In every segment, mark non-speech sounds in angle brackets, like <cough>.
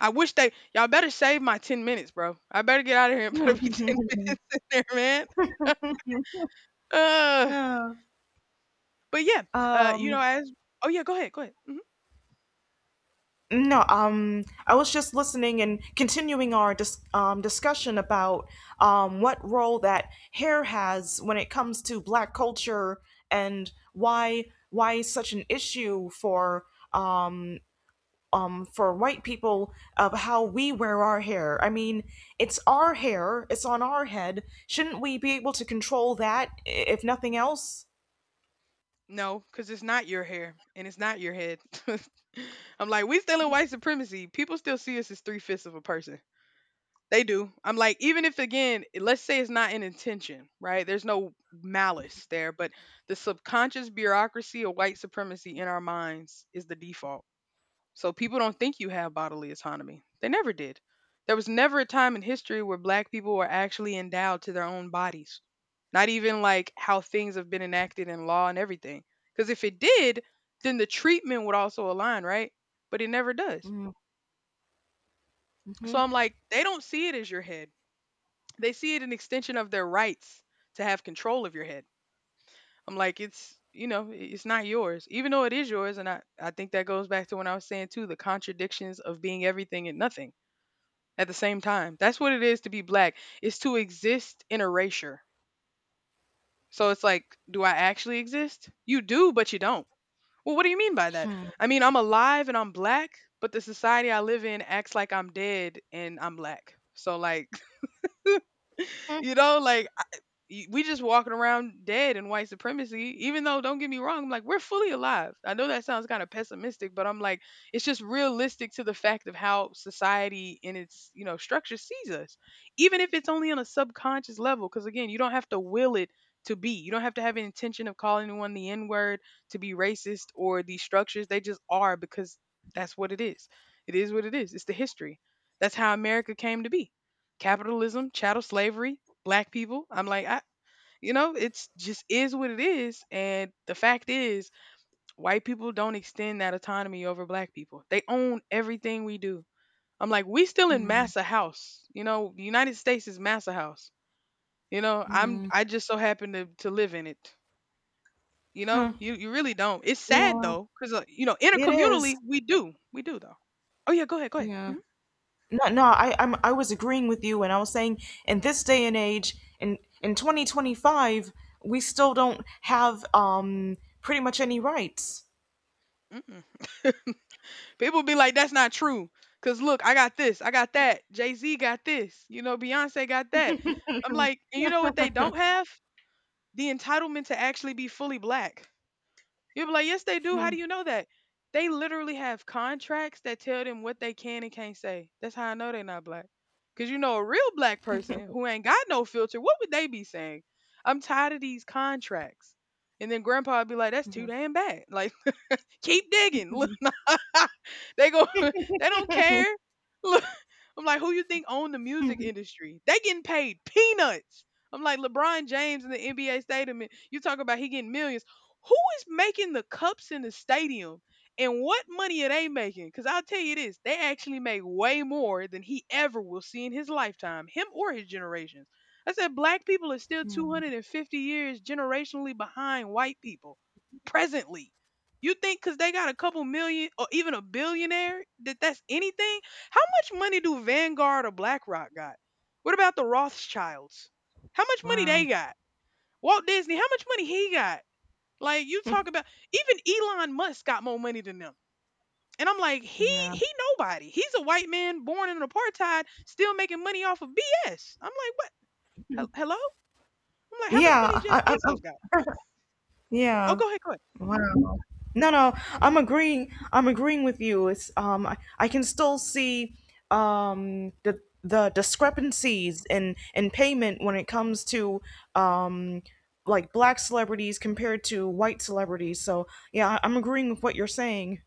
I wish they y'all better save my 10 minutes, bro. I better get out of here and put me <laughs> 10 minutes in there, man. <laughs> Uh, Yeah. but yeah, you know, Um. as Oh yeah, go ahead, go ahead. Hmm. No. I was just listening and continuing our discussion about what role that hair has when it comes to Black culture, and why such an issue um for white people of how we wear our hair. I mean, it's our hair. It's on our head. Shouldn't we be able to control that, if nothing else? No, because it's not your hair and it's not your head. <laughs> I'm like, we still in white supremacy. People still see us as three-fifths of a person. They do. I'm like, even if again, let's say it's not an intention, right? There's no malice there, but the subconscious bureaucracy of white supremacy in our minds is the default. So people don't think you have bodily autonomy. They never did. There was never a time in history where black people were actually endowed to their own bodies. Not even like how things have been enacted in law and everything. Because if it did, then the treatment would also align, right? But it never does. Mm-hmm. So Hmm. I'm like, they don't see it as your head. They see it an extension of their rights to have control of your head. I'm like, it's it's not yours, even though it is yours. And I think that goes back to when I was saying too, the contradictions of being everything and nothing at the same time. That's what it is to be black. It's to exist in erasure. So it's like, do I actually exist? You do, but you don't. Well, what do you mean by that? Hmm. I mean, I'm alive and I'm black, but the society I live in acts like I'm dead and I'm black. So like <laughs> like we just walking around dead in white supremacy, even though don't get me wrong, I'm like we're fully alive. I know that sounds kind of pessimistic, but I'm like it's just realistic to the fact of how society in its structure sees us. Even if it's only on a subconscious level because again, you don't have to will it to be. You don't have to have an intention of calling anyone the n-word to be racist or these structures. They just are because that's what it is. It is what it is. It's the history. That's how America came to be. Capitalism, chattel slavery, black people. I'm like, I, you know, it's just is what it is. And the fact is, white people don't extend that autonomy over black people. They own everything we do. I'm like, we still in massa house. You know, the United States is massa house. You know, I'm Hmm. I just so happen to live in it. You know, Hmm. you really don't. It's sad Yeah, though, because you know, it is. intercommunally we do though. Oh yeah, go ahead, go ahead. Yeah. No, no, I was agreeing with you, and I was saying in this day and age, in 2025, we still don't have pretty much any rights. Hmm. People be like, that's not true. Cause look, I got this, I got that. Jay Z got this, you know, Beyonce got that. I'm like, and you know what they don't have? The entitlement to actually be fully black. You'll be like, yes, they do. How do you <laughs> know that? They literally have contracts that tell them what they can and can't say. That's how I know they're not black. Cause you know, a real black person who ain't got no filter, what would they be saying? I'm tired of these contracts. And then grandpa would be like, that's too damn bad. Like, keep digging. <laughs> Look, <laughs> they go. <laughs> They don't care. Look, I'm like, who you think own the music industry? They getting paid peanuts. I'm like LeBron James in the NBA stadium. And You talk about he getting millions. Who is making the cups in the stadium? And what money are they making? Because I'll tell you this, they actually make way more than he ever will see in his lifetime, him or his generations. I said, black people are still 250 years generationally behind white people presently. You think because they got a couple million or even a billionaire that's anything? How much money do Vanguard or BlackRock got? What about the Rothschilds? How much money they Wow. got? Walt Disney, how much money he got? Like you talk about even Elon Musk got more money than them. And I'm like, he Yeah. he nobody. He's a white man born in apartheid, still making money off of BS. I'm like, what? Hello? I'm like, how much money Yeah, Jeff Bezos got? Oh, yeah. go ahead, go ahead. Mhm. Wow. No, no, I'm agreeing. I'm agreeing with you. It's I can still see the discrepancies in payment when it comes to um like black celebrities compared to white celebrities. So yeah, I'm agreeing with what you're saying.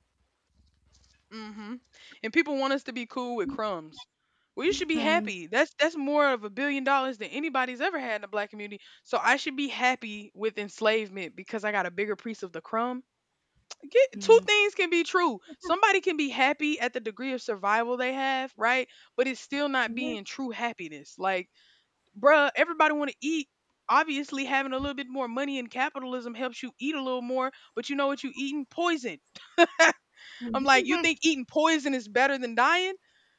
Hmm. And people want us to be cool with crumbs. Well, you should be Hmm. happy. That's more of $1 billion than anybody's ever had in the black community. So I should be happy with enslavement because I got a bigger piece of the crumb. Get two things can be true. Somebody can be happy at the degree of survival they have, right? But it's still not Yeah. being true happiness. Like, bruh, everybody want to eat. Obviously, having a little bit more money in capitalism helps you eat a little more, but you know what you eating? Poison. I'm like, you think eating poison is better than dying?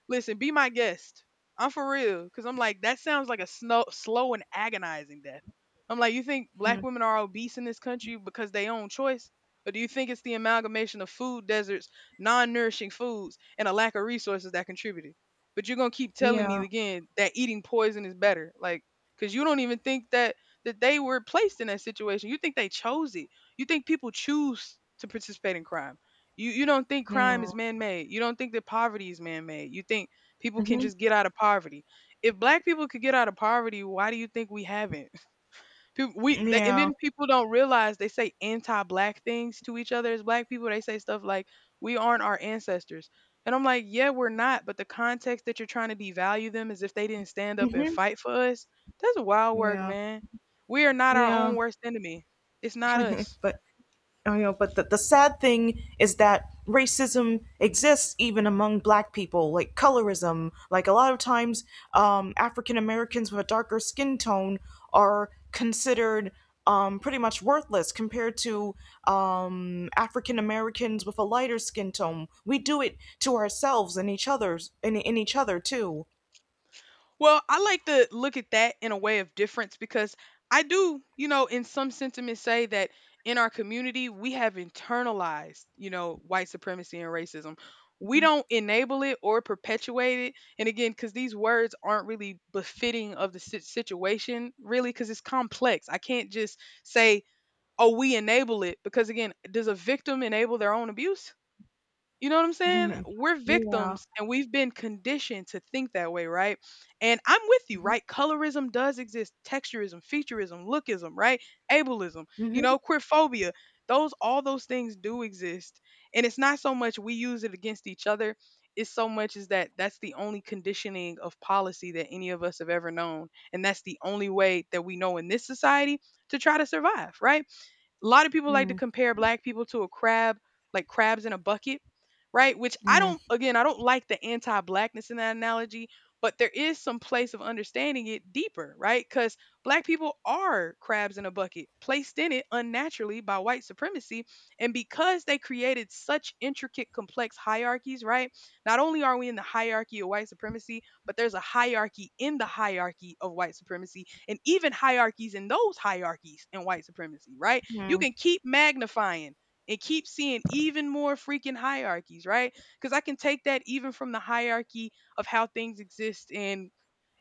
Listen, be my guest. I'm for real. Cause I'm like, that sounds like a slow and agonizing death. I'm like, you think Hmm. black women are obese in this country because they own choice? Or do you think it's the amalgamation of food deserts, non nourishing foods, and a lack of resources that contributed? But you're gonna keep telling me Yeah. again that eating poison is better. Like, cause you don't even think that they were placed in that situation. You think they chose it. You think people choose to participate in crime. You don't think crime Hmm. is man-made. You don't think that poverty is man-made. You think people can Mhm. just get out of poverty. If black people could get out of poverty, why do you think we haven't? <laughs> And Yeah. then people don't realize they say anti-black things to each other as black people. They say stuff like we aren't our ancestors. And I'm like, yeah, we're not, but the context that you're trying to devalue them as if they didn't stand up and Mhm. fight for us, that's wild work, Yeah. man. We are not our own Yeah. worst enemy. It's not us. But the sad thing is that racism exists even among black people, like colorism. Like a lot of times, African Americans with a darker skin tone are considered pretty much worthless compared to African Americans with a lighter skin tone. We do it to ourselves and each other's and in each other too. Well, I like to look at that in a way of difference because I do, you know, in some sentiments say that in our community, we have internalized, you know, white supremacy and racism. We don't enable it or perpetuate it. And again, because these words aren't really befitting of the situation, really, because it's complex. I can't just say, oh, we enable it, because again, does a victim enable their own abuse? You know what I'm saying? Mhm. We're Yeah. victims and we've been conditioned to think that way, right? And I'm with you, right? Colorism does exist, texturism, featureism, lookism, right? Ableism, you know, queerphobia. Those all those things do exist. And it's not so much we use it against each other, it's so much is that that's the only conditioning of policy that any of us have ever known. And that's the only way that we know in this society to try to survive, right? A lot of people like to Hmm. compare black people to a crab, like crabs in a bucket, right? Which I Mm-hmm. don't, again, I don't like the anti blackness in that analogy, but there is some place of understanding it deeper, right? Because black people are crabs in a bucket, placed in it unnaturally by white supremacy. And because they created such intricate, complex hierarchies, right? Not only are we in the hierarchy of white supremacy, but there's a hierarchy in the hierarchy of white supremacy and even hierarchies in those hierarchies in white supremacy, right? You can keep magnifying and keep seeing even more freaking hierarchies, right? Because I can take that even from the hierarchy of how things exist in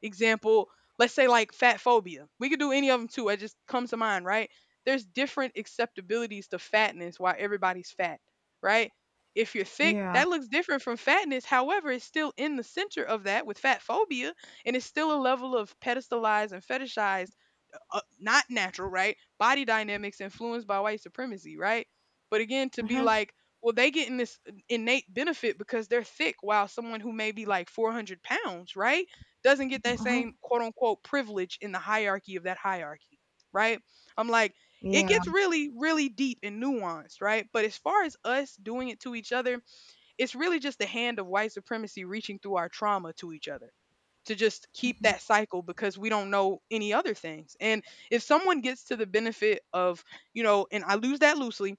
example, let's say like fat phobia. We could do any of them too. It just comes to mind, right? There's different acceptabilities to fatness why everybody's fat, right? If you're thick, Yeah. that looks different from fatness. However, it's still in the center of that with fat phobia, and it's still a level of pedestalized and fetishized not natural, right? Body dynamics influenced by white supremacy, right? But again, to Mm-hmm. be Yeah. like, well, they getting this innate benefit because they're thick, while someone who may be like 400 pounds, right, doesn't get that Hmm. same quote unquote privilege in the hierarchy of that hierarchy, right? I'm like, it Yeah. gets really, really deep and nuanced, right? But as far as us doing it to each other, it's really just the hand of white supremacy reaching through our trauma to each other to just keep that cycle because we don't know any other things. And if someone gets to the benefit of, and I lose that loosely,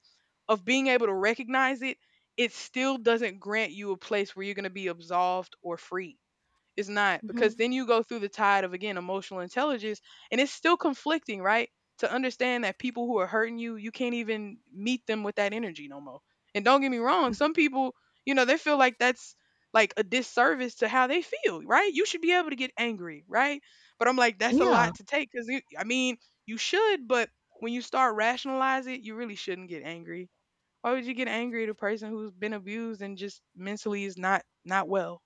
of being able to recognize it, it still doesn't grant you a place where you're going to be absolved or free. It's not, because then you go through the tide of, again, emotional intelligence, and it's still conflicting, right? To understand that people who are hurting you, you can't even meet them with that energy no more. And don't get me wrong, some people, you know, they feel like that's like a disservice to how they feel, right? You should be able to get angry, right? But I'm like, that's a Hmm. lot to take because I mean, you should, but when you start rationalizing it, you really shouldn't get angry. Why would you get angry at a person who's been abused and just mentally is not not well,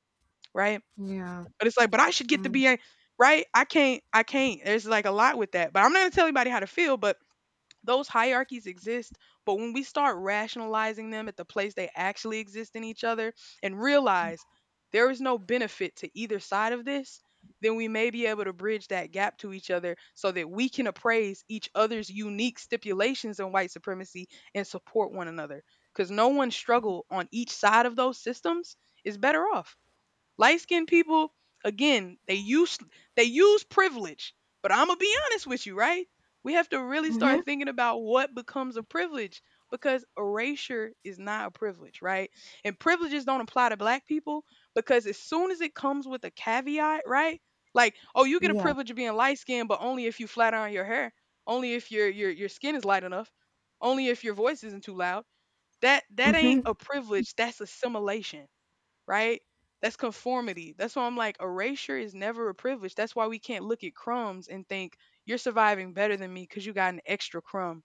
right? Yeah. But it's like, but I should get to be a right. I can't. I can't. There's like a lot with that. But I'm not gonna tell anybody how to feel. But those hierarchies exist. But when we start rationalizing them at the place they actually exist in each other, and realize there is no benefit to either side of this, then we may be able to bridge that gap to each other so that we can appraise each other's unique stipulations in white supremacy and support one another. Because no one struggle on each side of those systems is better off. Light skinned people, again, they use privilege. But I'm gonna be honest with you, right? We have to really Mm-hmm. start thinking about what becomes a privilege, because erasure is not a privilege, right? And privileges don't apply to black people because as soon as it comes with a caveat, right? Like, oh, you get a Yeah. privilege of being light skinned, but only if you flat iron your hair, only if your your skin is light enough, only if your voice isn't too loud. That ain't Mm-hmm. a privilege, that's assimilation, right? That's conformity. That's why I'm like, erasure is never a privilege. That's why we can't look at crumbs and think you're surviving better than me because you got an extra crumb.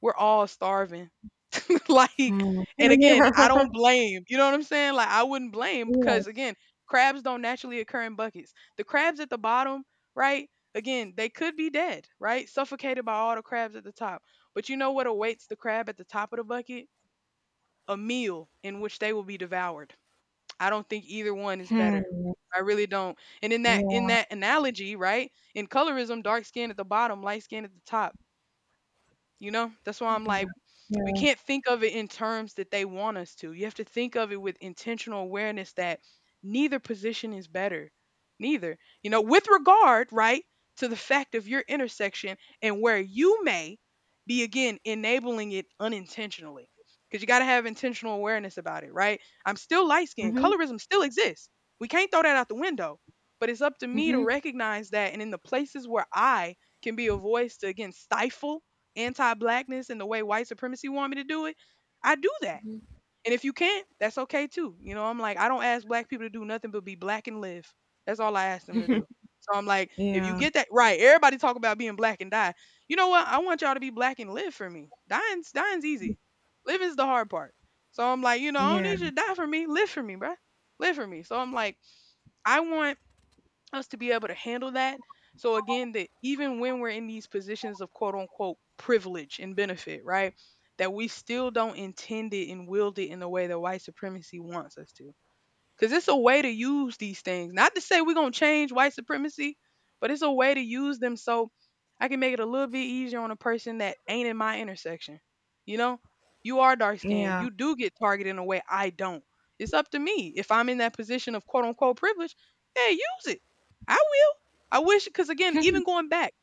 We're all starving. <laughs> Like, Mm-hmm. and again, I <laughs> don't blame. You know what I'm saying? Like, I wouldn't blame, because Yes. again, crabs don't naturally occur in buckets. The crabs at the bottom, right? Again, they could be dead, right? Suffocated by all the crabs at the top. But you know what awaits the crab at the top of the bucket? A meal in which they will be devoured. I don't think either one is Yeah. better. I really don't. And in that in Yeah. that analogy, right? In colorism, dark skin at the bottom, light skin at the top. You know, that's why I'm Yeah. like, we Yeah. can't think of it in terms that they want us to. You have to think of it with intentional awareness that neither position is better. Neither. You know, with regard, right, to the fact of your intersection and where you may be, again, enabling it unintentionally. Because you got to have intentional awareness about it, right? I'm still light skinned. Mm-hmm. Colorism still exists. We can't throw that out the window. But it's up to me to Mm-hmm. recognize that. And in the places where I can be a voice to, again, stifle anti-blackness and the way white supremacy want me to do it, I do that. And if you can't, that's okay too. You know, I'm like, I don't ask black people to do nothing but be black and live. That's all I ask them to do. So I'm like, if you Yeah. get that right, everybody talk about being black and die. You know what? I want y'all to be black and live for me. Dying's easy. Living's the hard part. So I'm like, you know, I don't Yeah. need you to die for me. Live for me, bruh. Live for me. So I'm like, I want us to be able to handle that. So again, that even when we're in these positions of quote unquote privilege and benefit, right? That we still don't intend it and wield it in the way that white supremacy wants us to. Because it's a way to use these things. Not to say we're going to change white supremacy, but it's a way to use them so I can make it a little bit easier on a person that ain't in my intersection. You know, you are dark skinned. Yeah. You do get targeted in a way I don't. It's up to me. If I'm in that position of quote unquote privilege, hey, use it. I will. I wish, because again, even going back,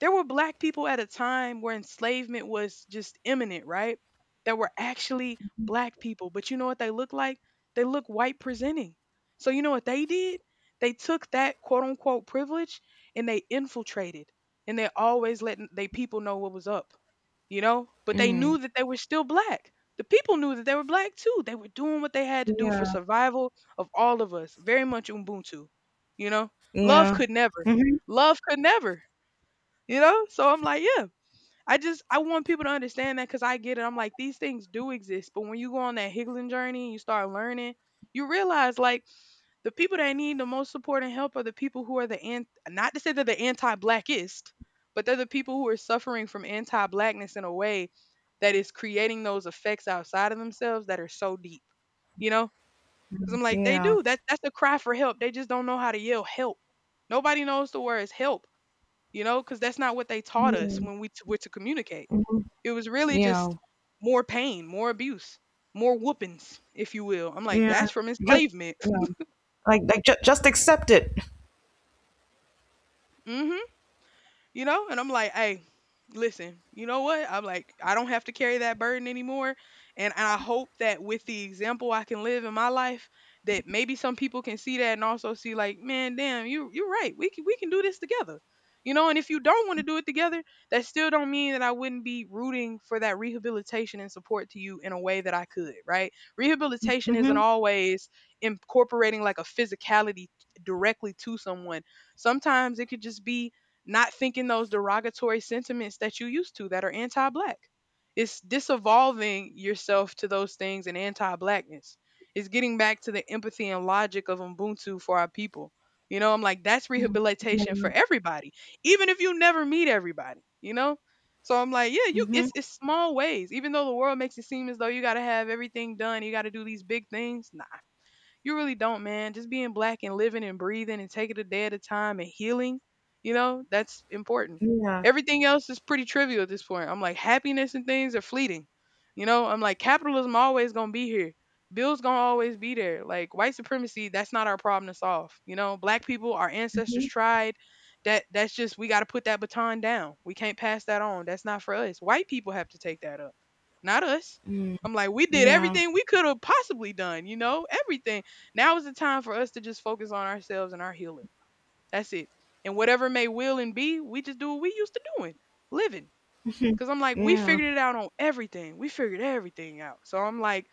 there were black people at a time where enslavement was just imminent, right? There were actually black people, but you know what they look like? They look white presenting. So you know what they did? They took that quote unquote privilege and they infiltrated and they always letting they people know what was up, you know? But they Mm. knew that they were still black. The people knew that they were black too. They were doing what they had to do for Yeah. survival of all of us. Very much Ubuntu, you know? Love Yeah. could never. Mm-hmm. Love could never, you know? So I'm like, yeah, I just I want people to understand that because I get it. I'm like these things do exist, but when you go on that higgling journey and you start learning, you realize like the people that need the most support and help are the people who are the an- not to say they're the anti-blackist, but they're the people who are suffering from anti-blackness in a way that is creating those effects outside of themselves that are so deep, you know? Because I'm like they Yeah. do that. That's the cry for help. They just don't know how to yell help. Nobody knows the words help, you know, because that's not what they taught us Yeah. when were to communicate. Hmm. It was really Yeah. just more pain, more abuse, more whoopings, if you will. I'm like, Yeah. that's from Just, enslavement. yeah. Like just accept it. <laughs> Hmm, you know? And I'm like, hey, listen, you know what? I'm like, I don't have to carry that burden anymore. And I hope that with the example I can live in my life, that maybe some people can see that and also see like, man, damn, you you're right. We can do this together. You know, and if you don't want to do it together, that still don't mean that I wouldn't be rooting for that rehabilitation and support to you in a way that I could, right? Rehabilitation isn't Mm-hmm. always incorporating like a physicality directly to someone. Sometimes it could just be not thinking those derogatory sentiments that you used to that are anti-black. It's disevolving yourself to those things and anti-blackness. It's getting back to the empathy and logic of Ubuntu for our people. You know, I'm like that's rehabilitation for Yeah. everybody, even if you never meet everybody. You know, so I'm like, yeah, you. Mm-hmm. It's small ways. Even though the world makes it seem as though you got to have everything done, you got to do these big things. Nah, you really don't, man. Just being black and living and breathing and taking a day at a time and healing, you know, that's important. Yeah. Everything else is pretty trivial at this point. I'm like, happiness and things are fleeting. You know, I'm like, capitalism always gonna be here. Bills gonna always be there. Like white supremacy, that's not our problem to solve. You know, black people, our ancestors Mm-hmm. tried. That's just we gotta put that baton down. We can't pass that on. That's not for us. White people have to take that up. Not us. I'm like, we did Yeah. everything we could have possibly done, you know, everything now is the time for us to just focus on ourselves and our healing. That's it. And whatever may will and be, we just do what we used to doing, living. Cause I'm like, we Yeah. figured it out on everything. We figured everything out. So I'm like,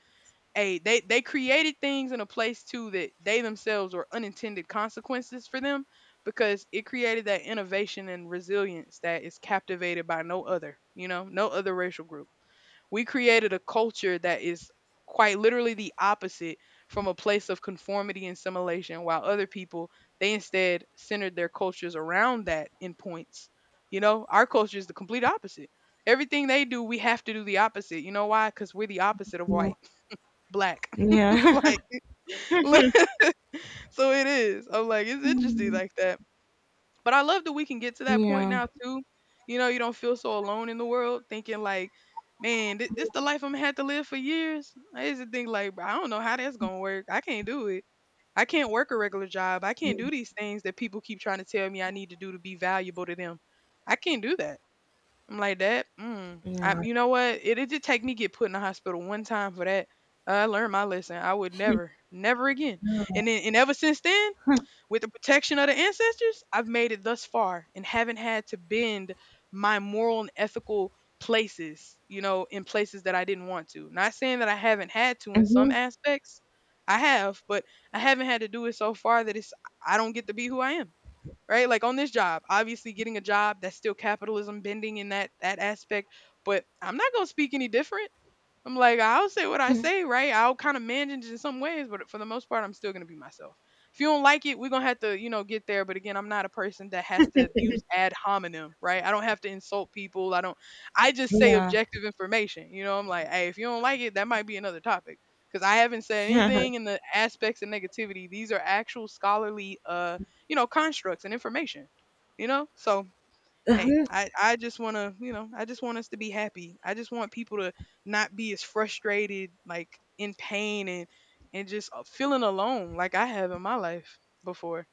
hey, they created things in a place too that they themselves were unintended consequences for, them because it created that innovation and resilience that is captivated by no other, you know, no other racial group. We created a culture that is quite literally the opposite from a place of conformity and assimilation, while other people, they instead centered their cultures around that in points. You know, our culture is the complete opposite. Everything they do, we have to do the opposite. You know why? Because we're the opposite of Yeah. white, <laughs> black. <laughs> Yeah. Like, <laughs> so it is. I'm like, it's interesting like that. But I love that we can get to <laughs> that point Yeah. now too. You know, you don't feel so alone in the world, thinking like, man, this the life I'm had to live for years. I used to think like, "Bruh, I don't know how that's gonna work. I can't do it. I can't work a regular job. I can't do these things that people keep trying to tell me I need to do to be valuable to them. I can't do that. I'm like that. I, Yeah. you know what? It did take me get put in the hospital one time for that. I learned my lesson. I would never, never again. And ever since then, with the protection of the ancestors, I've made it thus far and haven't had to bend my moral and ethical places, you know, in places that I didn't want to. Not saying that I haven't had to in some Mm-hmm. aspects. I have, but I haven't had to do it so far that it's I don't get to be who I am. Right? Like on this job, obviously getting a job that's still capitalism bending in that aspect, but I'm not going to speak any different. I'm like, I'll say what I say, right? I'll kind of manage it in some ways, but for the most part, I'm still gonna be myself. If you don't like it, we're gonna have to, you know, get there. But again, I'm not a person that has to use ad hominem, right? I don't have to insult people. I don't. I just say Yeah. objective information. You know, I'm like, hey, if you don't like it, that might be another topic because I haven't said <laughs> Yeah. anything in the aspects of negativity. These are actual scholarly, you know, constructs and information. You know, so hey, I just want to, I just want us to be happy. I just want people to not be as frustrated, like in pain and just feeling alone like I have in my life before.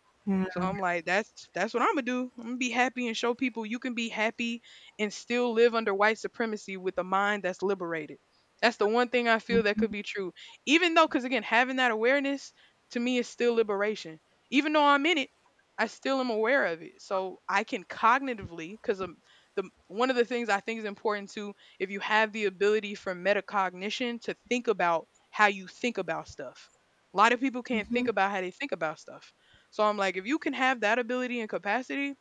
So Yeah. I'm like, that's what I'm gonna do. I'm gonna be happy and show people you can be happy and still live under white supremacy with a mind that's liberated. That's the one thing I feel that could be true. Even though, because again, having that awareness to me is still liberation. Even though I'm in it, I still am aware of it. So I can cognitively, because the one of the things I think is important too, if you have the ability for metacognition to think about how you think about stuff. A lot of people can't think Mm-hmm. about how they think about stuff, so I'm like, if you can have that ability and capacity,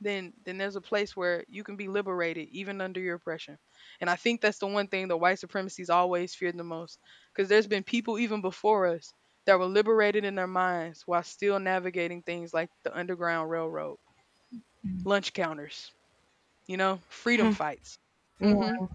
then there's a place where you can be liberated even under your oppression. And I think that's the one thing that white supremacy's always feared the most. Because there's been people even before us that were liberated in their minds while still navigating things like the Underground Railroad, lunch counters, you know, freedom fights. Mm-hmm. Yeah.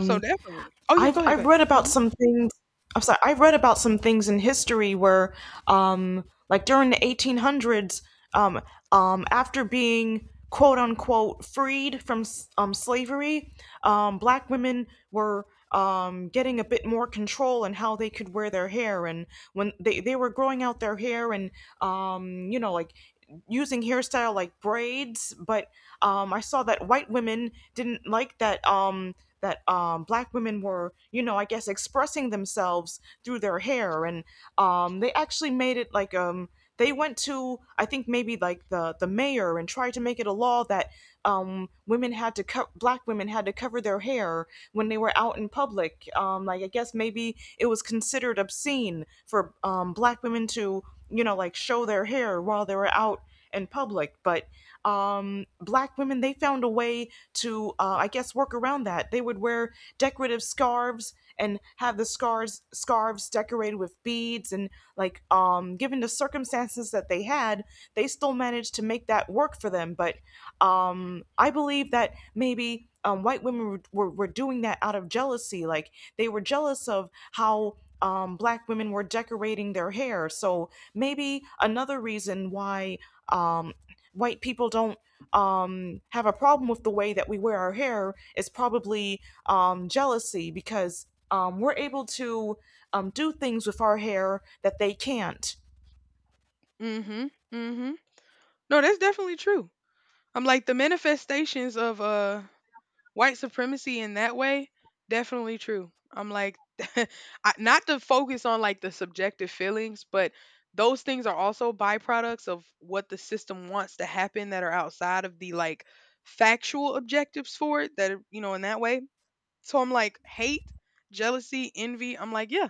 So definitely. Oh yeah, I've go ahead, go I've ahead. read about Mm-hmm. some things. I'm sorry. I've read about some things in history where, like during the 1800s, um, after being quote unquote freed from slavery, black women were getting a bit more control in how they could wear their hair, and when they were growing out their hair, and like using hairstyle like braids. But I saw that white women didn't like that, black women were, I guess, expressing themselves through their hair. And they actually made it like, they went to, I think, maybe like the mayor and tried to make it a law that, women had to black women had to cover their hair when they were out in public. Like, I guess, maybe it was considered obscene for, black women to, like, show their hair while they were out in public. But, black women, they found a way to, I guess, work around that. They would wear decorative scarves and have the scarves decorated with beads, and, like, given the circumstances that they had, they still managed to make that work for them. But I believe that maybe white women were doing that out of jealousy, like they were jealous of how black women were decorating their hair. So maybe another reason why um white people don't have a problem with the way that we wear our hair is probably jealousy, because we're able to do things with our hair that they can't. Mm-hmm. Mm-hmm. No, that's definitely true. I'm like the manifestations of white supremacy in that way, definitely true. I'm like, <laughs> I- not to focus on like the subjective feelings, but those things are also byproducts of what the system wants to happen that are outside of the like factual objectives for it that are, you know, in that way. So I'm like, hate, jealousy, envy, I'm like, yeah,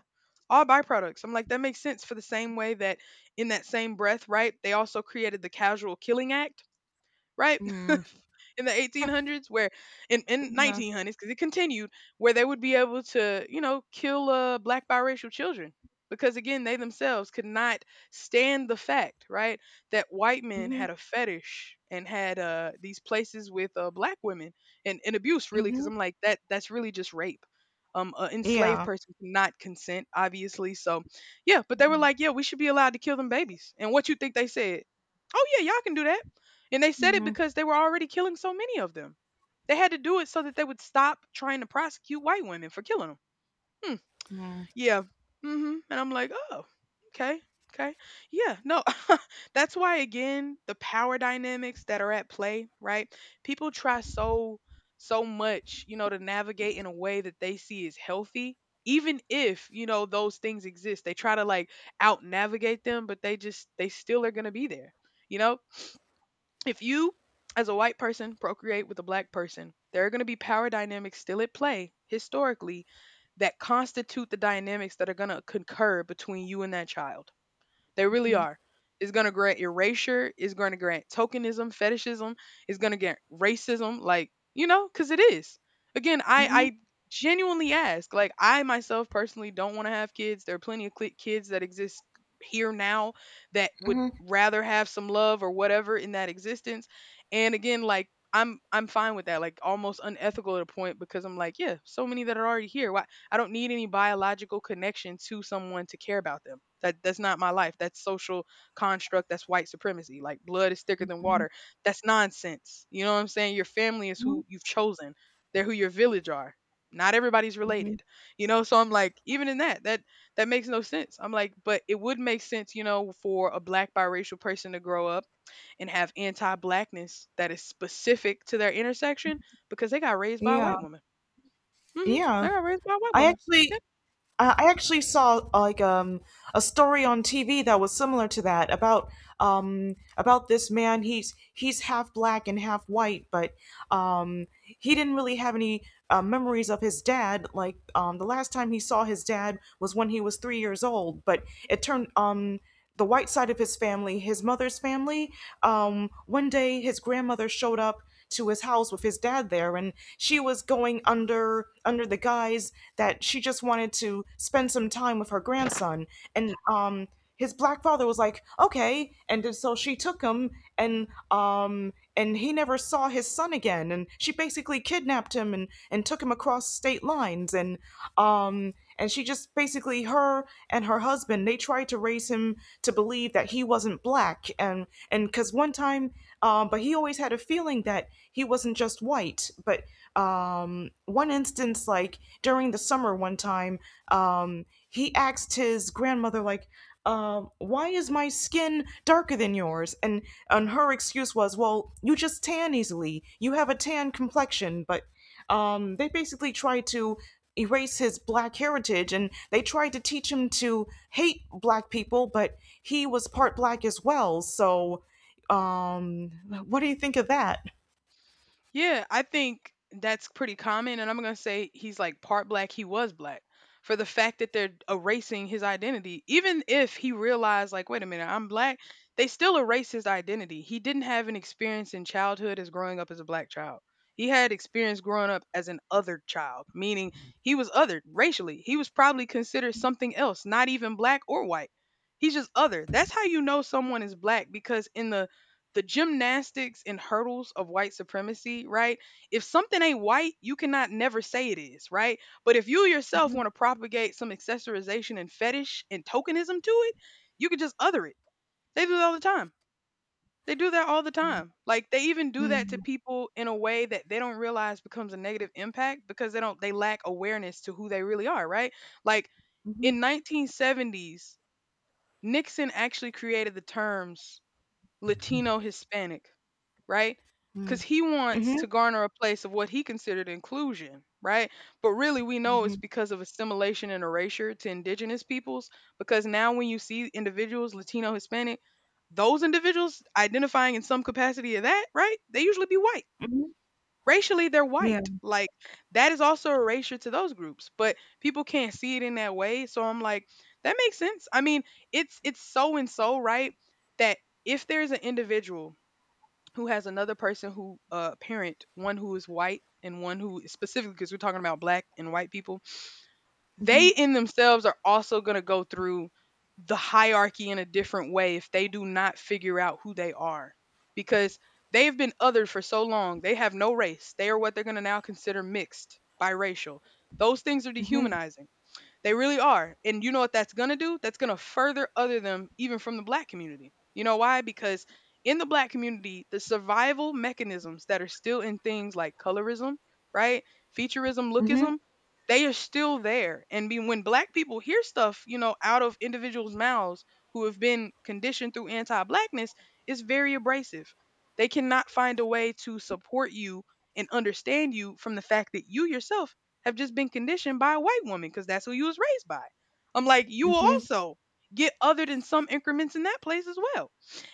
all byproducts. I'm like, that makes sense for the same way that in that same breath, right, they also created the casual killing act, right? <laughs> Mm. In the 1800s, where in Yeah. 1900s because it continued, where they would be able to, you know, kill black biracial children, because again, they themselves could not stand the fact, right, that white men Hmm. had a fetish and had these places with black women and abuse really, because Hmm. I'm like, that's really just rape. Um, an enslaved Yeah. person cannot consent, obviously. So, yeah, but they were like, yeah, we should be allowed to kill them babies. And what you think they said? Oh yeah, y'all can do that. And they said it Hmm. because they were already killing so many of them. They had to do it so that they would stop trying to prosecute white women for killing them. Hmm. Yeah. Hmm. And I'm like, oh, okay. Okay. Yeah. No, <laughs> that's why, again, the power dynamics that are at play, right? People try so, so much, you know, to navigate in a way that they see is healthy. Even if, you know, those things exist, they try to like out navigate them, but they still are going to be there, you know? If you as a white person procreate with a black person, there are going to be power dynamics still at play historically that constitute the dynamics that are going to concur between you and that child. They really Mhm. are. It's going to grant erasure. It's going to grant tokenism, fetishism. It's going to grant racism. Like, you know, because it is. Again, I, Mhm. I genuinely ask. Like, I myself personally don't want to have kids. There are plenty of cli kids that exist here now that would rather have some love or whatever in that existence. And again, like, I'm fine with that. Like almost unethical at a point because I'm like, yeah, so many that are already here. Why I don't need any biological connection to someone to care about them. That's not my life. That's social construct. That's white supremacy. Like blood is thicker than Mhm. water. That's nonsense. You know what I'm saying? Your family is Mhm. who you've chosen. They're who your village are. Not everybody's Mhm. related. You know, so I'm like, even in that, that makes no sense. I'm like, but it would make sense, you know, for a black biracial person to grow up and have anti-blackness that is specific to their intersection because they got raised by a Yeah, white woman. Hmm. They yeah. got raised by a white I woman. actually, I actually saw, like, a story on TV that was similar to that, about this man. He's half black and half white. But, Um, he didn't really have any, memories of his dad. Like, the last time he saw his dad was when he was 3 years old. But it turned, the white side of his family, his mother's family. One day, his grandmother showed up to his house with his dad there, and she was going under the guise that she just wanted to spend some time with her grandson. And, his black father was like, okay, and so she took him, and, and he never saw his son again. And she basically kidnapped him and took him across state lines. And, and she just basically, her and her husband, they tried to raise him to believe that he wasn't black. And because one time, but he always had a feeling that he wasn't just white. But, one instance, like during the summer one time, he asked his grandmother, like, why is my skin darker than yours? And her excuse was, well, you just tan easily. You have a tan complexion. But, they basically tried to erase his black heritage, and they tried to teach him to hate black people. But he was part black as well. So, um, what do you think of that? Yeah, I think that's pretty common. And I'm going to say he's like part black, he was black. For the fact that they're erasing his identity, even if he realized, like, wait a minute, I'm black, they still erase his identity. He didn't have an experience in childhood as growing up as a black child. He had experience growing up as an other child, meaning he was othered racially. He was probably considered something else, not even black or white. He's just other. That's how you know someone is black, because in the gymnastics and hurdles of white supremacy, right? If something ain't white, you cannot never say it is, right? But if you yourself Mm-hmm. want to propagate some accessorization and fetish and tokenism to it, you could just other it. They do it all the time. They do that all the time. Like they even do that to people in a way that they don't realize becomes a negative impact because they don't they lack awareness to who they really are, right? Like Mm-hmm. in 1970s, Nixon actually created the terms Latino Hispanic, right? Because Mm-hmm. he wants Hmm. to garner a place of what he considered inclusion, right? But really, we know it's Mm-hmm. because of assimilation and erasure to indigenous peoples. Because now, when you see individuals, Latino, Hispanic, those individuals identifying in some capacity of that, right? They usually be white. Hmm. Racially, they're Yeah. white. Like, that is also erasure to those groups, but people can't see it in that way. So I'm like, that makes sense. I mean, it's so and so, right? That if there's an individual who has another person who parent one who is white and one who, specifically because we're talking about black and white people, they Mm-hmm. in themselves are also going to go through the hierarchy in a different way if they do not figure out who they are, because they've been othered for so long. They have no race. They are what they're going to now consider mixed biracial. Those things are Mm-hmm. dehumanizing. They really are. And you know what that's going to do? That's going to further other them even from the black community. You know why? Because in the black community, the survival mechanisms that are still in things like colorism, right? Featureism, Mm-hmm. lookism, they are still there. And be, when black people hear stuff, you know, out of individuals' mouths who have been conditioned through anti blackness, it's very abrasive. They cannot find a way to support you and understand you from the fact that you yourself have just been conditioned by a white woman because that's who you was raised by. I'm like, you will also get other than some increments in that place as well.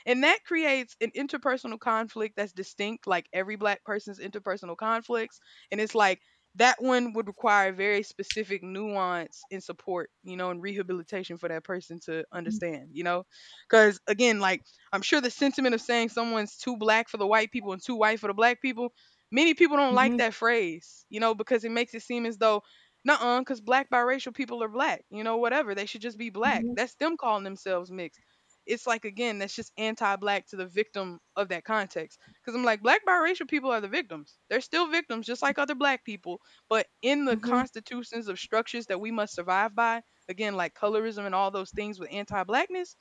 And that creates an interpersonal conflict that's distinct, like every black person's interpersonal conflicts. And it's like that one would require very specific nuance and support, you know, and rehabilitation for that person to understand, you know? Because again, like I'm sure the sentiment of saying someone's too black for the white people and too white for the black people. Many people don't like Mm-hmm. that phrase, you know, because it makes it seem as though, nuh-uh, because black biracial people are black, you know, whatever. They should just be black. Mm-hmm. That's them calling themselves mixed. It's like, again, that's just anti black to the victim of that context. Because I'm like, black biracial people are the victims. They're still victims, just like other black people. But in the Mm-hmm. constitutions of structures that we must survive by, again, like colorism and all those things with anti blackness,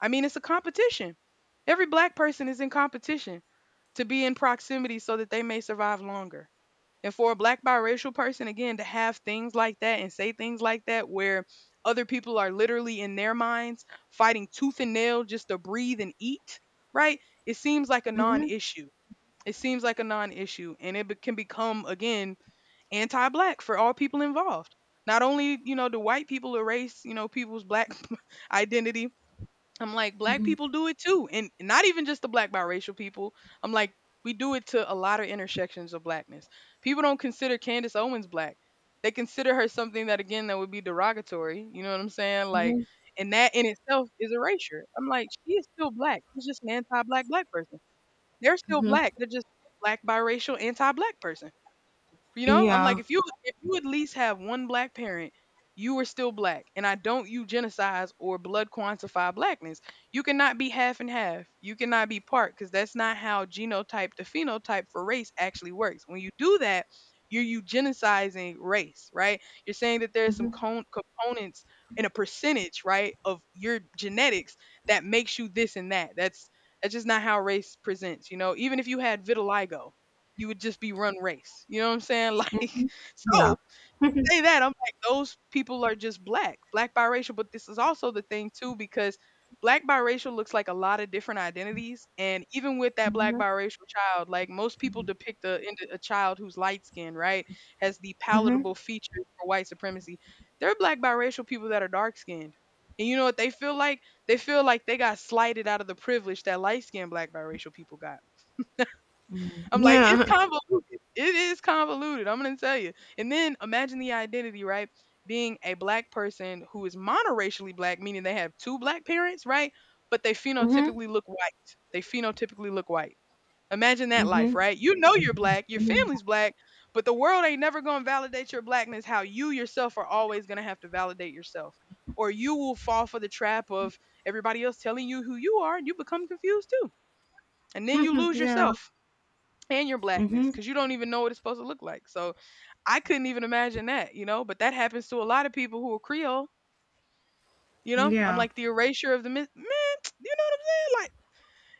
I mean, it's a competition. Every black person is in competition to be in proximity so that they may survive longer. And for a black biracial person, again, to have things like that and say things like that where other people are literally in their minds fighting tooth and nail just to breathe and eat, right? It seems like a non issue. It seems like a non issue. And can become, again, anti black for all people involved. Not only, you know, do white people erase, you know, people's black <laughs> identity, I'm like, black people do it too. And not even just the black biracial people. I'm like, we do it to a lot of intersections of blackness. People don't consider Candace Owens black. They consider her something that again that would be derogatory. You know what I'm saying? Like and that in itself is erasure. I'm like, she is still black. She's just an anti black black person. They're still Mm-hmm. black. They're just black biracial anti black person. You know, I'm like, Yeah. if you at least have one black parent, you are still black. And I don't eugenicize or blood quantify blackness. You cannot be half and half. You cannot be part because that's not how genotype to phenotype for race actually works. When you do that, you're eugenicizing race, right? You're saying that there's some components and a percentage, right, of your genetics that makes you this and that. That's just not how race presents, you know. Even if you had vitiligo, you would just be run race. You know what I'm saying? <laughs> Like, Yeah. so say that I'm like those people are just black, black biracial. But this is also the thing too because black biracial looks like a lot of different identities, and even with that black Mhm. biracial child, like most people depict a child who's light skinned, right, has the Mhm. palatable features for white supremacy. There are black biracial people that are dark skinned. And you know what they feel like? They feel like they got slighted out of the privilege that light skinned black biracial people got. I'm like, it's Yeah. convoluted. It is convoluted. I'm gonna tell you. And then imagine the identity, right? Being a black person who is monoracially black, meaning they have two black parents, right? But they Mhm. phenotypically look white. They phenotypically look white. Imagine that life, Mhm. right? You know you're black, your Mhm. family's black, but the world ain't never gonna validate your blackness. How you yourself are always gonna have to validate yourself, or you will fall for the trap of everybody else telling you who you are, and you become confused too, and then you lose Yeah. yourself and your blackness Mhm. because you don't even know what it's supposed to look like. So I couldn't even imagine that, you know. But that happens to a lot of people who are Creole, you know. I'm Yeah. like the erasure of the myth, man. <tsk> You know what I'm saying? Like,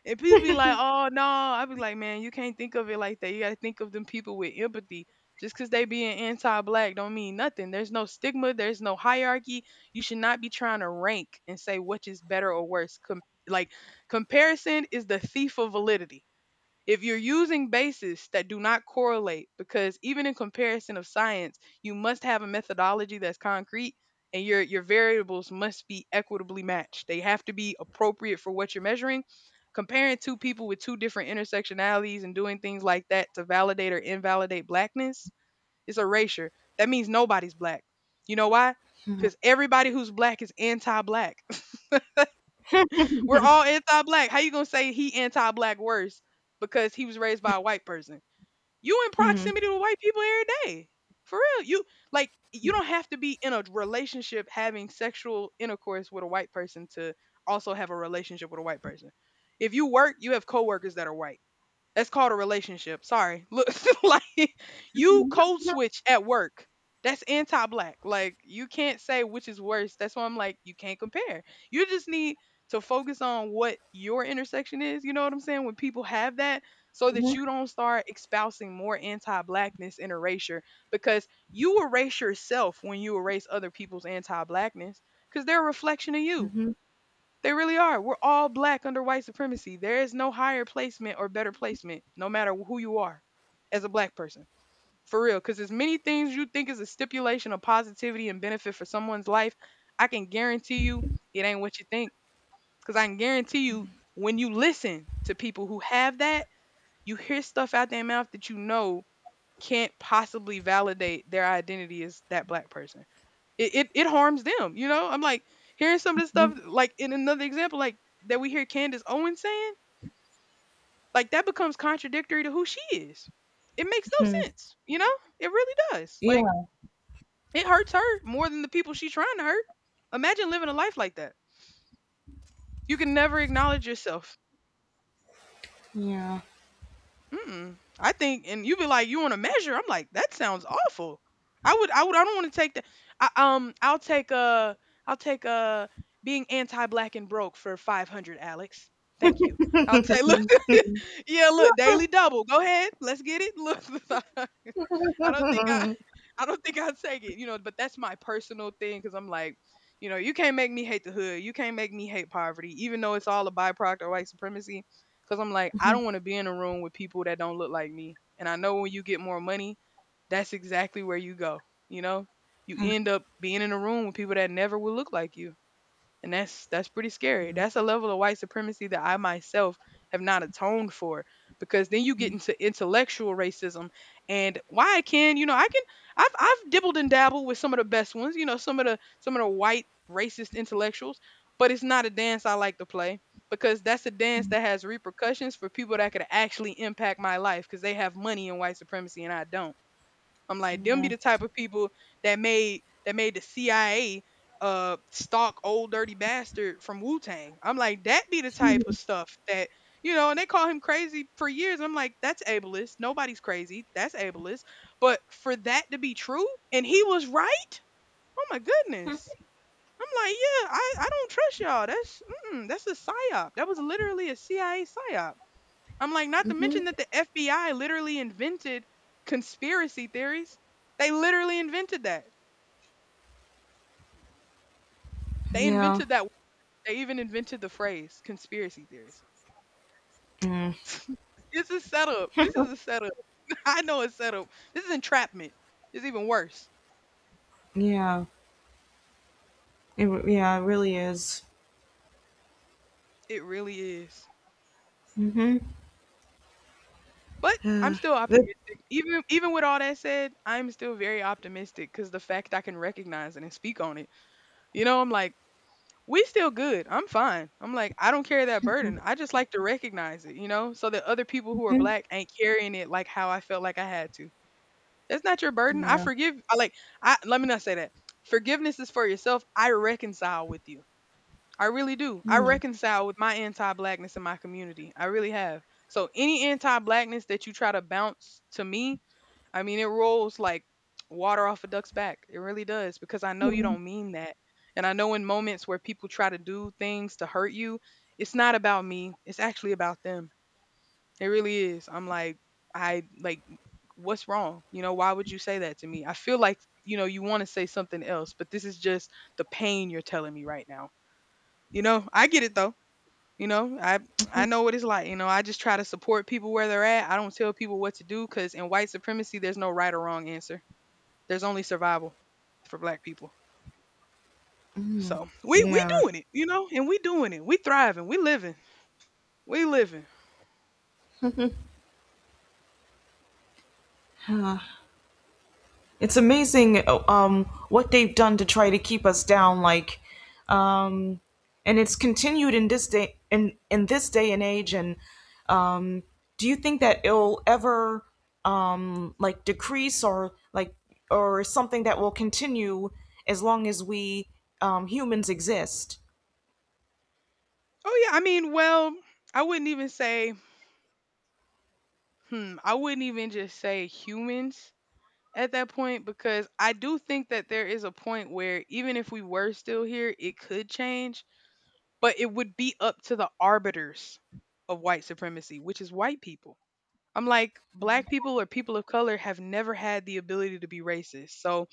and people be like, "Oh no," I be like, "Man, you can't think of it like that. You got to think of them people with empathy." Just because they being anti-black don't mean nothing. There's no stigma. There's no hierarchy. You should not be trying to rank and say which is better or worse. Like comparison is the thief of validity. If you're using bases that do not correlate, because even in comparison of science, you must have a methodology that's concrete and your variables must be equitably matched. They have to be appropriate for what you're measuring. Comparing two people with two different intersectionalities and doing things like that to validate or invalidate blackness is erasure. That means nobody's black. You know why? Because everybody who's black is anti black. <laughs> We're all anti black. How you gonna say he anti black worse because he was raised by a white person? You in proximity to white people every day. For real. You like you don't have to be in a relationship having sexual intercourse with a white person to also have a relationship with a white person. If you work, you have coworkers that are white that's called a relationship. Sorry. Look <laughs> like you code switch at work. That's anti black. Like you can't say which is worse. That's why I'm like, you can't compare. You just need to focus on what your intersection is. You know what I'm saying? When people have that, so that Mhm. you don't start espousing more anti blackness and erasure. Because you erase yourself when you erase other people's anti blackness. Because they're a reflection of you, Mhm. they really are. We're all black under white supremacy. There is no higher placement or better placement, no matter who you are as a black person. For real, because as many things you think is a stipulation of positivity and benefit for someone's life, I can guarantee you it ain't what you think. Because I can guarantee you when you listen to people who have that, you hear stuff out their mouth that you know can't possibly validate their identity as that black person. It harms them. You know, I'm like hearing some of the stuff Mhm. like in another example, like that we hear Candace Owens saying, like that becomes contradictory to who she is. It makes no sense. You know, it really does. Like Yeah. it hurts her more than the people she's trying to hurt. Imagine living a life like that. You can never acknowledge yourself. Yeah. Mm-mm. I think, and you be like, you want to measure? I'm like, that sounds awful. I don't want to take that. I'll take I'll take being anti-black and broke for 500, Alex. Thank you. I'll take, look, <laughs> yeah, look, daily double. Go ahead, let's get it. Look, <laughs> I don't think I, <laughs> I don't think I take it, you know. But that's my personal thing because I'm like, you know, you can't make me hate the hood. You can't make me hate poverty, even though it's all a byproduct of white supremacy. Because I'm like, I don't want to be in a room with people that don't look like me. And I know when you get more money, that's exactly where you go. You know, you end up being in a room with people that never will look like you and that's pretty scary. That's a level of white supremacy that I myself have not atoned for because then you get into intellectual racism and why I can, you know, I can I've dibbled and dabbled with some of the best ones, you know, some of the white racist intellectuals, but it's not a dance I like to play because that's a dance that has repercussions for people that could actually impact my life because they have money in white supremacy and I don't. I'm like, them be the type of people that made the CIA stalk old dirty bastard from Wu Tang. I'm like, that be the type of stuff that you know, and they call him crazy for years. I'm like, that's ableist. Nobody's crazy. That's ableist. But for that to be true, and he was right. Oh my goodness. I'm like, yeah, I don't trust y'all. That's mm, that's a psyop. That was literally a CIA psyop. I'm like, not to mention that the FBI literally invented conspiracy theories. They literally invented that. They Yeah. invented that. They even invented the phrase conspiracy theories. Mm. This is setup. This is a setup. <laughs> I know it's setup. This is entrapment. It's even worse. Yeah. Yeah, it really is. It really is. Mhm. But I'm Uh, still that- optimistic. Even with all that said, I'm still very optimistic because the fact I can recognize it and speak on it. You know, I'm like, we still good. I'm fine. I'm like, I don't carry that burden. I just like to recognize it, you know, so that other people who are mhm. black ain't carrying it like how I felt like I had to. That's not your burden. I <sighs> Yeah. forgive. I like. I let me not say that. Forgiveness is for yourself. I reconcile with you. I really do. I reconcile with my anti-blackness in my community. I really have. So any anti-blackness that you try to bounce to me, I mean, it rolls like water off a duck's back. It really does because I know you don't mean that. And I know in moments where people try to do things to hurt you, it's not about me. It's actually about them. It really is. I'm like, I like, what's wrong? Why would you say that to me? I feel like, you know, you want to say something else, but this is just the pain you're telling me right now. You know, I get it though. You know, I know what it's like. You know, I just try to support people where they're at. I don't tell people what to do because in white supremacy, there's no right or wrong answer. There's only survival for black people. So we Yeah. doing it, you know, and we doing it. We thriving. We living. We living. It's amazing, what they've done to try to keep us down. Like, um, and it's continued in this day and age. And, um, do you think that it'll ever, like, decrease, or like, or something that will continue as long as we, humans exist? Oh, yeah, I mean, well, I wouldn't even say I wouldn't even just say humans at that point because I do think that there is a point where even if we were still here, it could change, but it would be up to the arbiters of white supremacy, which is white people. I'm like, black people or people of color have never had the ability to be racist. So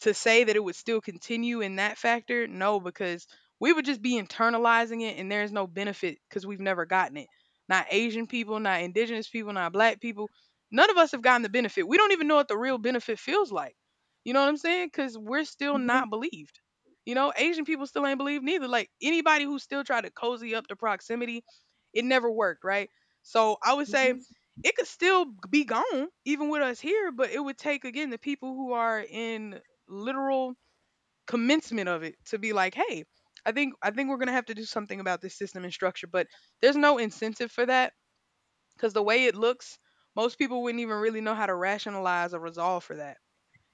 to say that it would still continue in that factor, no, because we would just be internalizing it and there's no benefit because we've never gotten it. Not Asian people, not indigenous people, not black people. None of us have gotten the benefit. We don't even know what the real benefit feels like. You know what I'm saying? Because we're still not believed. You know, Asian people still ain't believed neither. Like anybody who still tried to cozy up to proximity, it never worked, right? So I would say it could still be gone even with us here, but it would take again the people who are in literal commencement of it to be like, hey, I think we're going to have to do something about this system and structure. But there's no incentive for that because the way it looks, most people wouldn't even really know how to rationalize or resolve for that,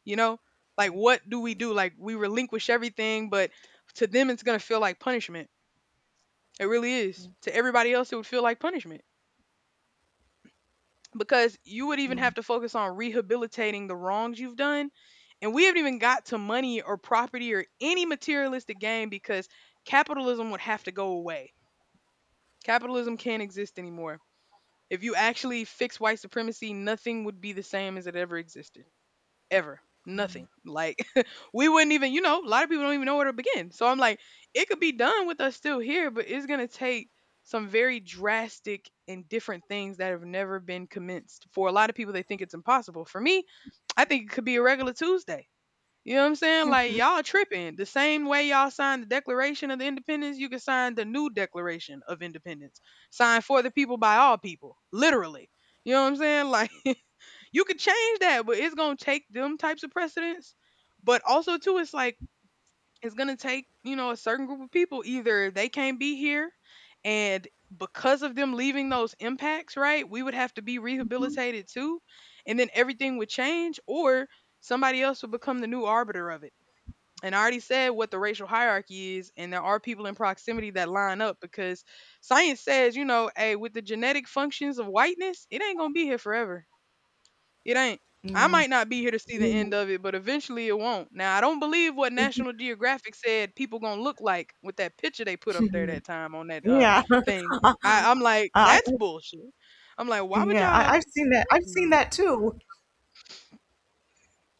you know, like what do we do, like we relinquish everything. But to them it's going to feel like punishment. It really is. To everybody else it would feel like punishment because you would even have to focus on rehabilitating the wrongs you've done. And we haven't even got to money or property or any materialistic gain because capitalism would have to go away. Capitalism can't exist anymore. If you actually fix white supremacy, nothing would be the same as it ever existed ever. Nothing. Like, <laughs> we wouldn't even, you know, a lot of people don't even know where to begin. So I'm like, it could be done with us still here, but it's gonna take some very drastic and different things that have never been commenced. For a lot of people, they think it's impossible. For me, I think it could be a regular Tuesday. You know what I'm saying? Like, y'all tripping. The same way y'all signed the Declaration of the Independence, you can sign the new Declaration of Independence. Signed for the people by all people, literally. You know what I'm saying? Like, <laughs> you could change that, but it's gonna take them types of precedents. But also too, it's like it's gonna take, you know, a certain group of people. Either they can't be here, and because of them leaving those impacts, right, we would have to be rehabilitated too. And then everything would change, or somebody else would become the new arbiter of it. And I already said what the racial hierarchy is, and there are people in proximity that line up because science says, you know, hey, with the genetic functions of whiteness, it ain't gonna be here forever. It ain't. I might not be here to see the end of it, but eventually it won't. Now I don't believe what National Geographic said people gonna look like with that picture they put up there that time on that Yeah, <laughs> thing. I'm like, that's bullshit. I'm like, why would y'all I've seen that. I've seen mm-mm, that too.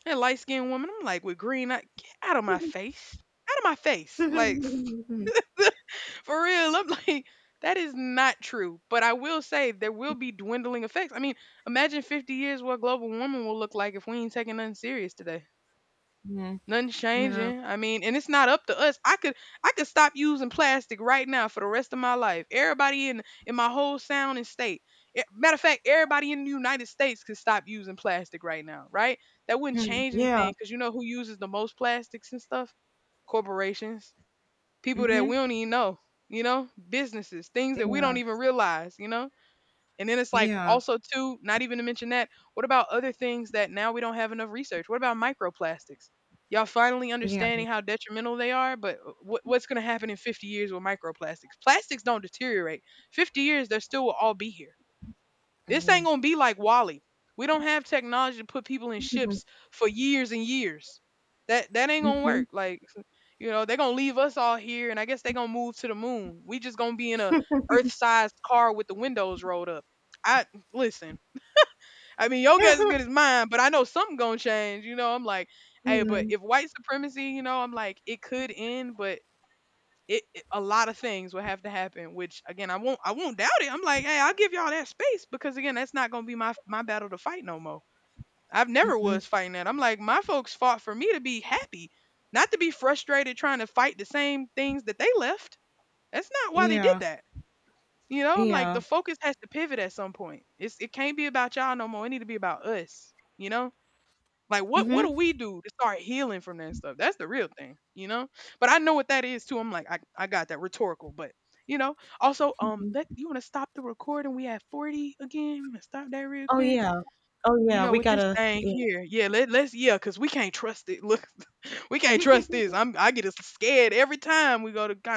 that light skinned woman? I'm like, with green, I, get out of my face, out of my face, like <laughs> for real. I'm like, that is not true. But I will say there will be dwindling effects. I mean, imagine 50 years what global warming will look like if we ain't taking nothing serious today. Mhm. Nothing's changing. I mean, and it's not up to us. I could stop using plastic right now for the rest of my life. Everybody in my whole sound and state. Matter of fact, everybody in the United States could stop using plastic right now, right? That wouldn't change Yeah. anything because you know who uses the most plastics and stuff? Corporations, people that we Mm-hmm. don't even know, you know, businesses, things that we don't Yeah. even realize, you know. And then it's like Yeah. also too, not even to mention that, what about other things that now we don't have enough research? What about microplastics? Y'all finally Yeah. understanding how detrimental they are, but what's going to happen in 50 years with microplastics? Plastics don't deteriorate. 50 years, they still will all be here. This ain't going to be like Wally. We don't have technology to put people in ships for years and years. That ain't going to work. Like, you know, they're gonna leave us all here, and I guess they're gonna move to the moon. We just gonna be in a Earth-sized car with the windows rolled up. I listen. I mean, your guess is Mm-hmm. good as mine, but I know something gonna change. You know, I'm like, hey, but if <laughs> white supremacy, you know, I'm like, it could end, but a lot of things will have to happen. Which again, I won't doubt it. I'm like, hey, I'll give y'all that space because again, that's not gonna be my battle to fight no more. I've never was fighting that. I'm like, my folks fought for me to be happy, not to be frustrated trying to fight the same things that they left. That's not why they did Yeah. that. You know, I'm like, the Yeah. focus has to pivot at some point. It's it can't be about y'all no more. It need to be about us. You know, like what do Mhm. we do to start healing from that stuff? That's the real thing. You know, but I know what that is too. I'm like, I got that rhetorical. But you know, also that, you want to stop the recording? We at 40 again. Stop that real Oh, quick. yeah. Oh, You yeah. know, We with this gotta, thing yeah. here, yeah, let's yeah, yeah, cause we can't trust it. Look, <laughs> we can't trust this. I get a scared every time we go to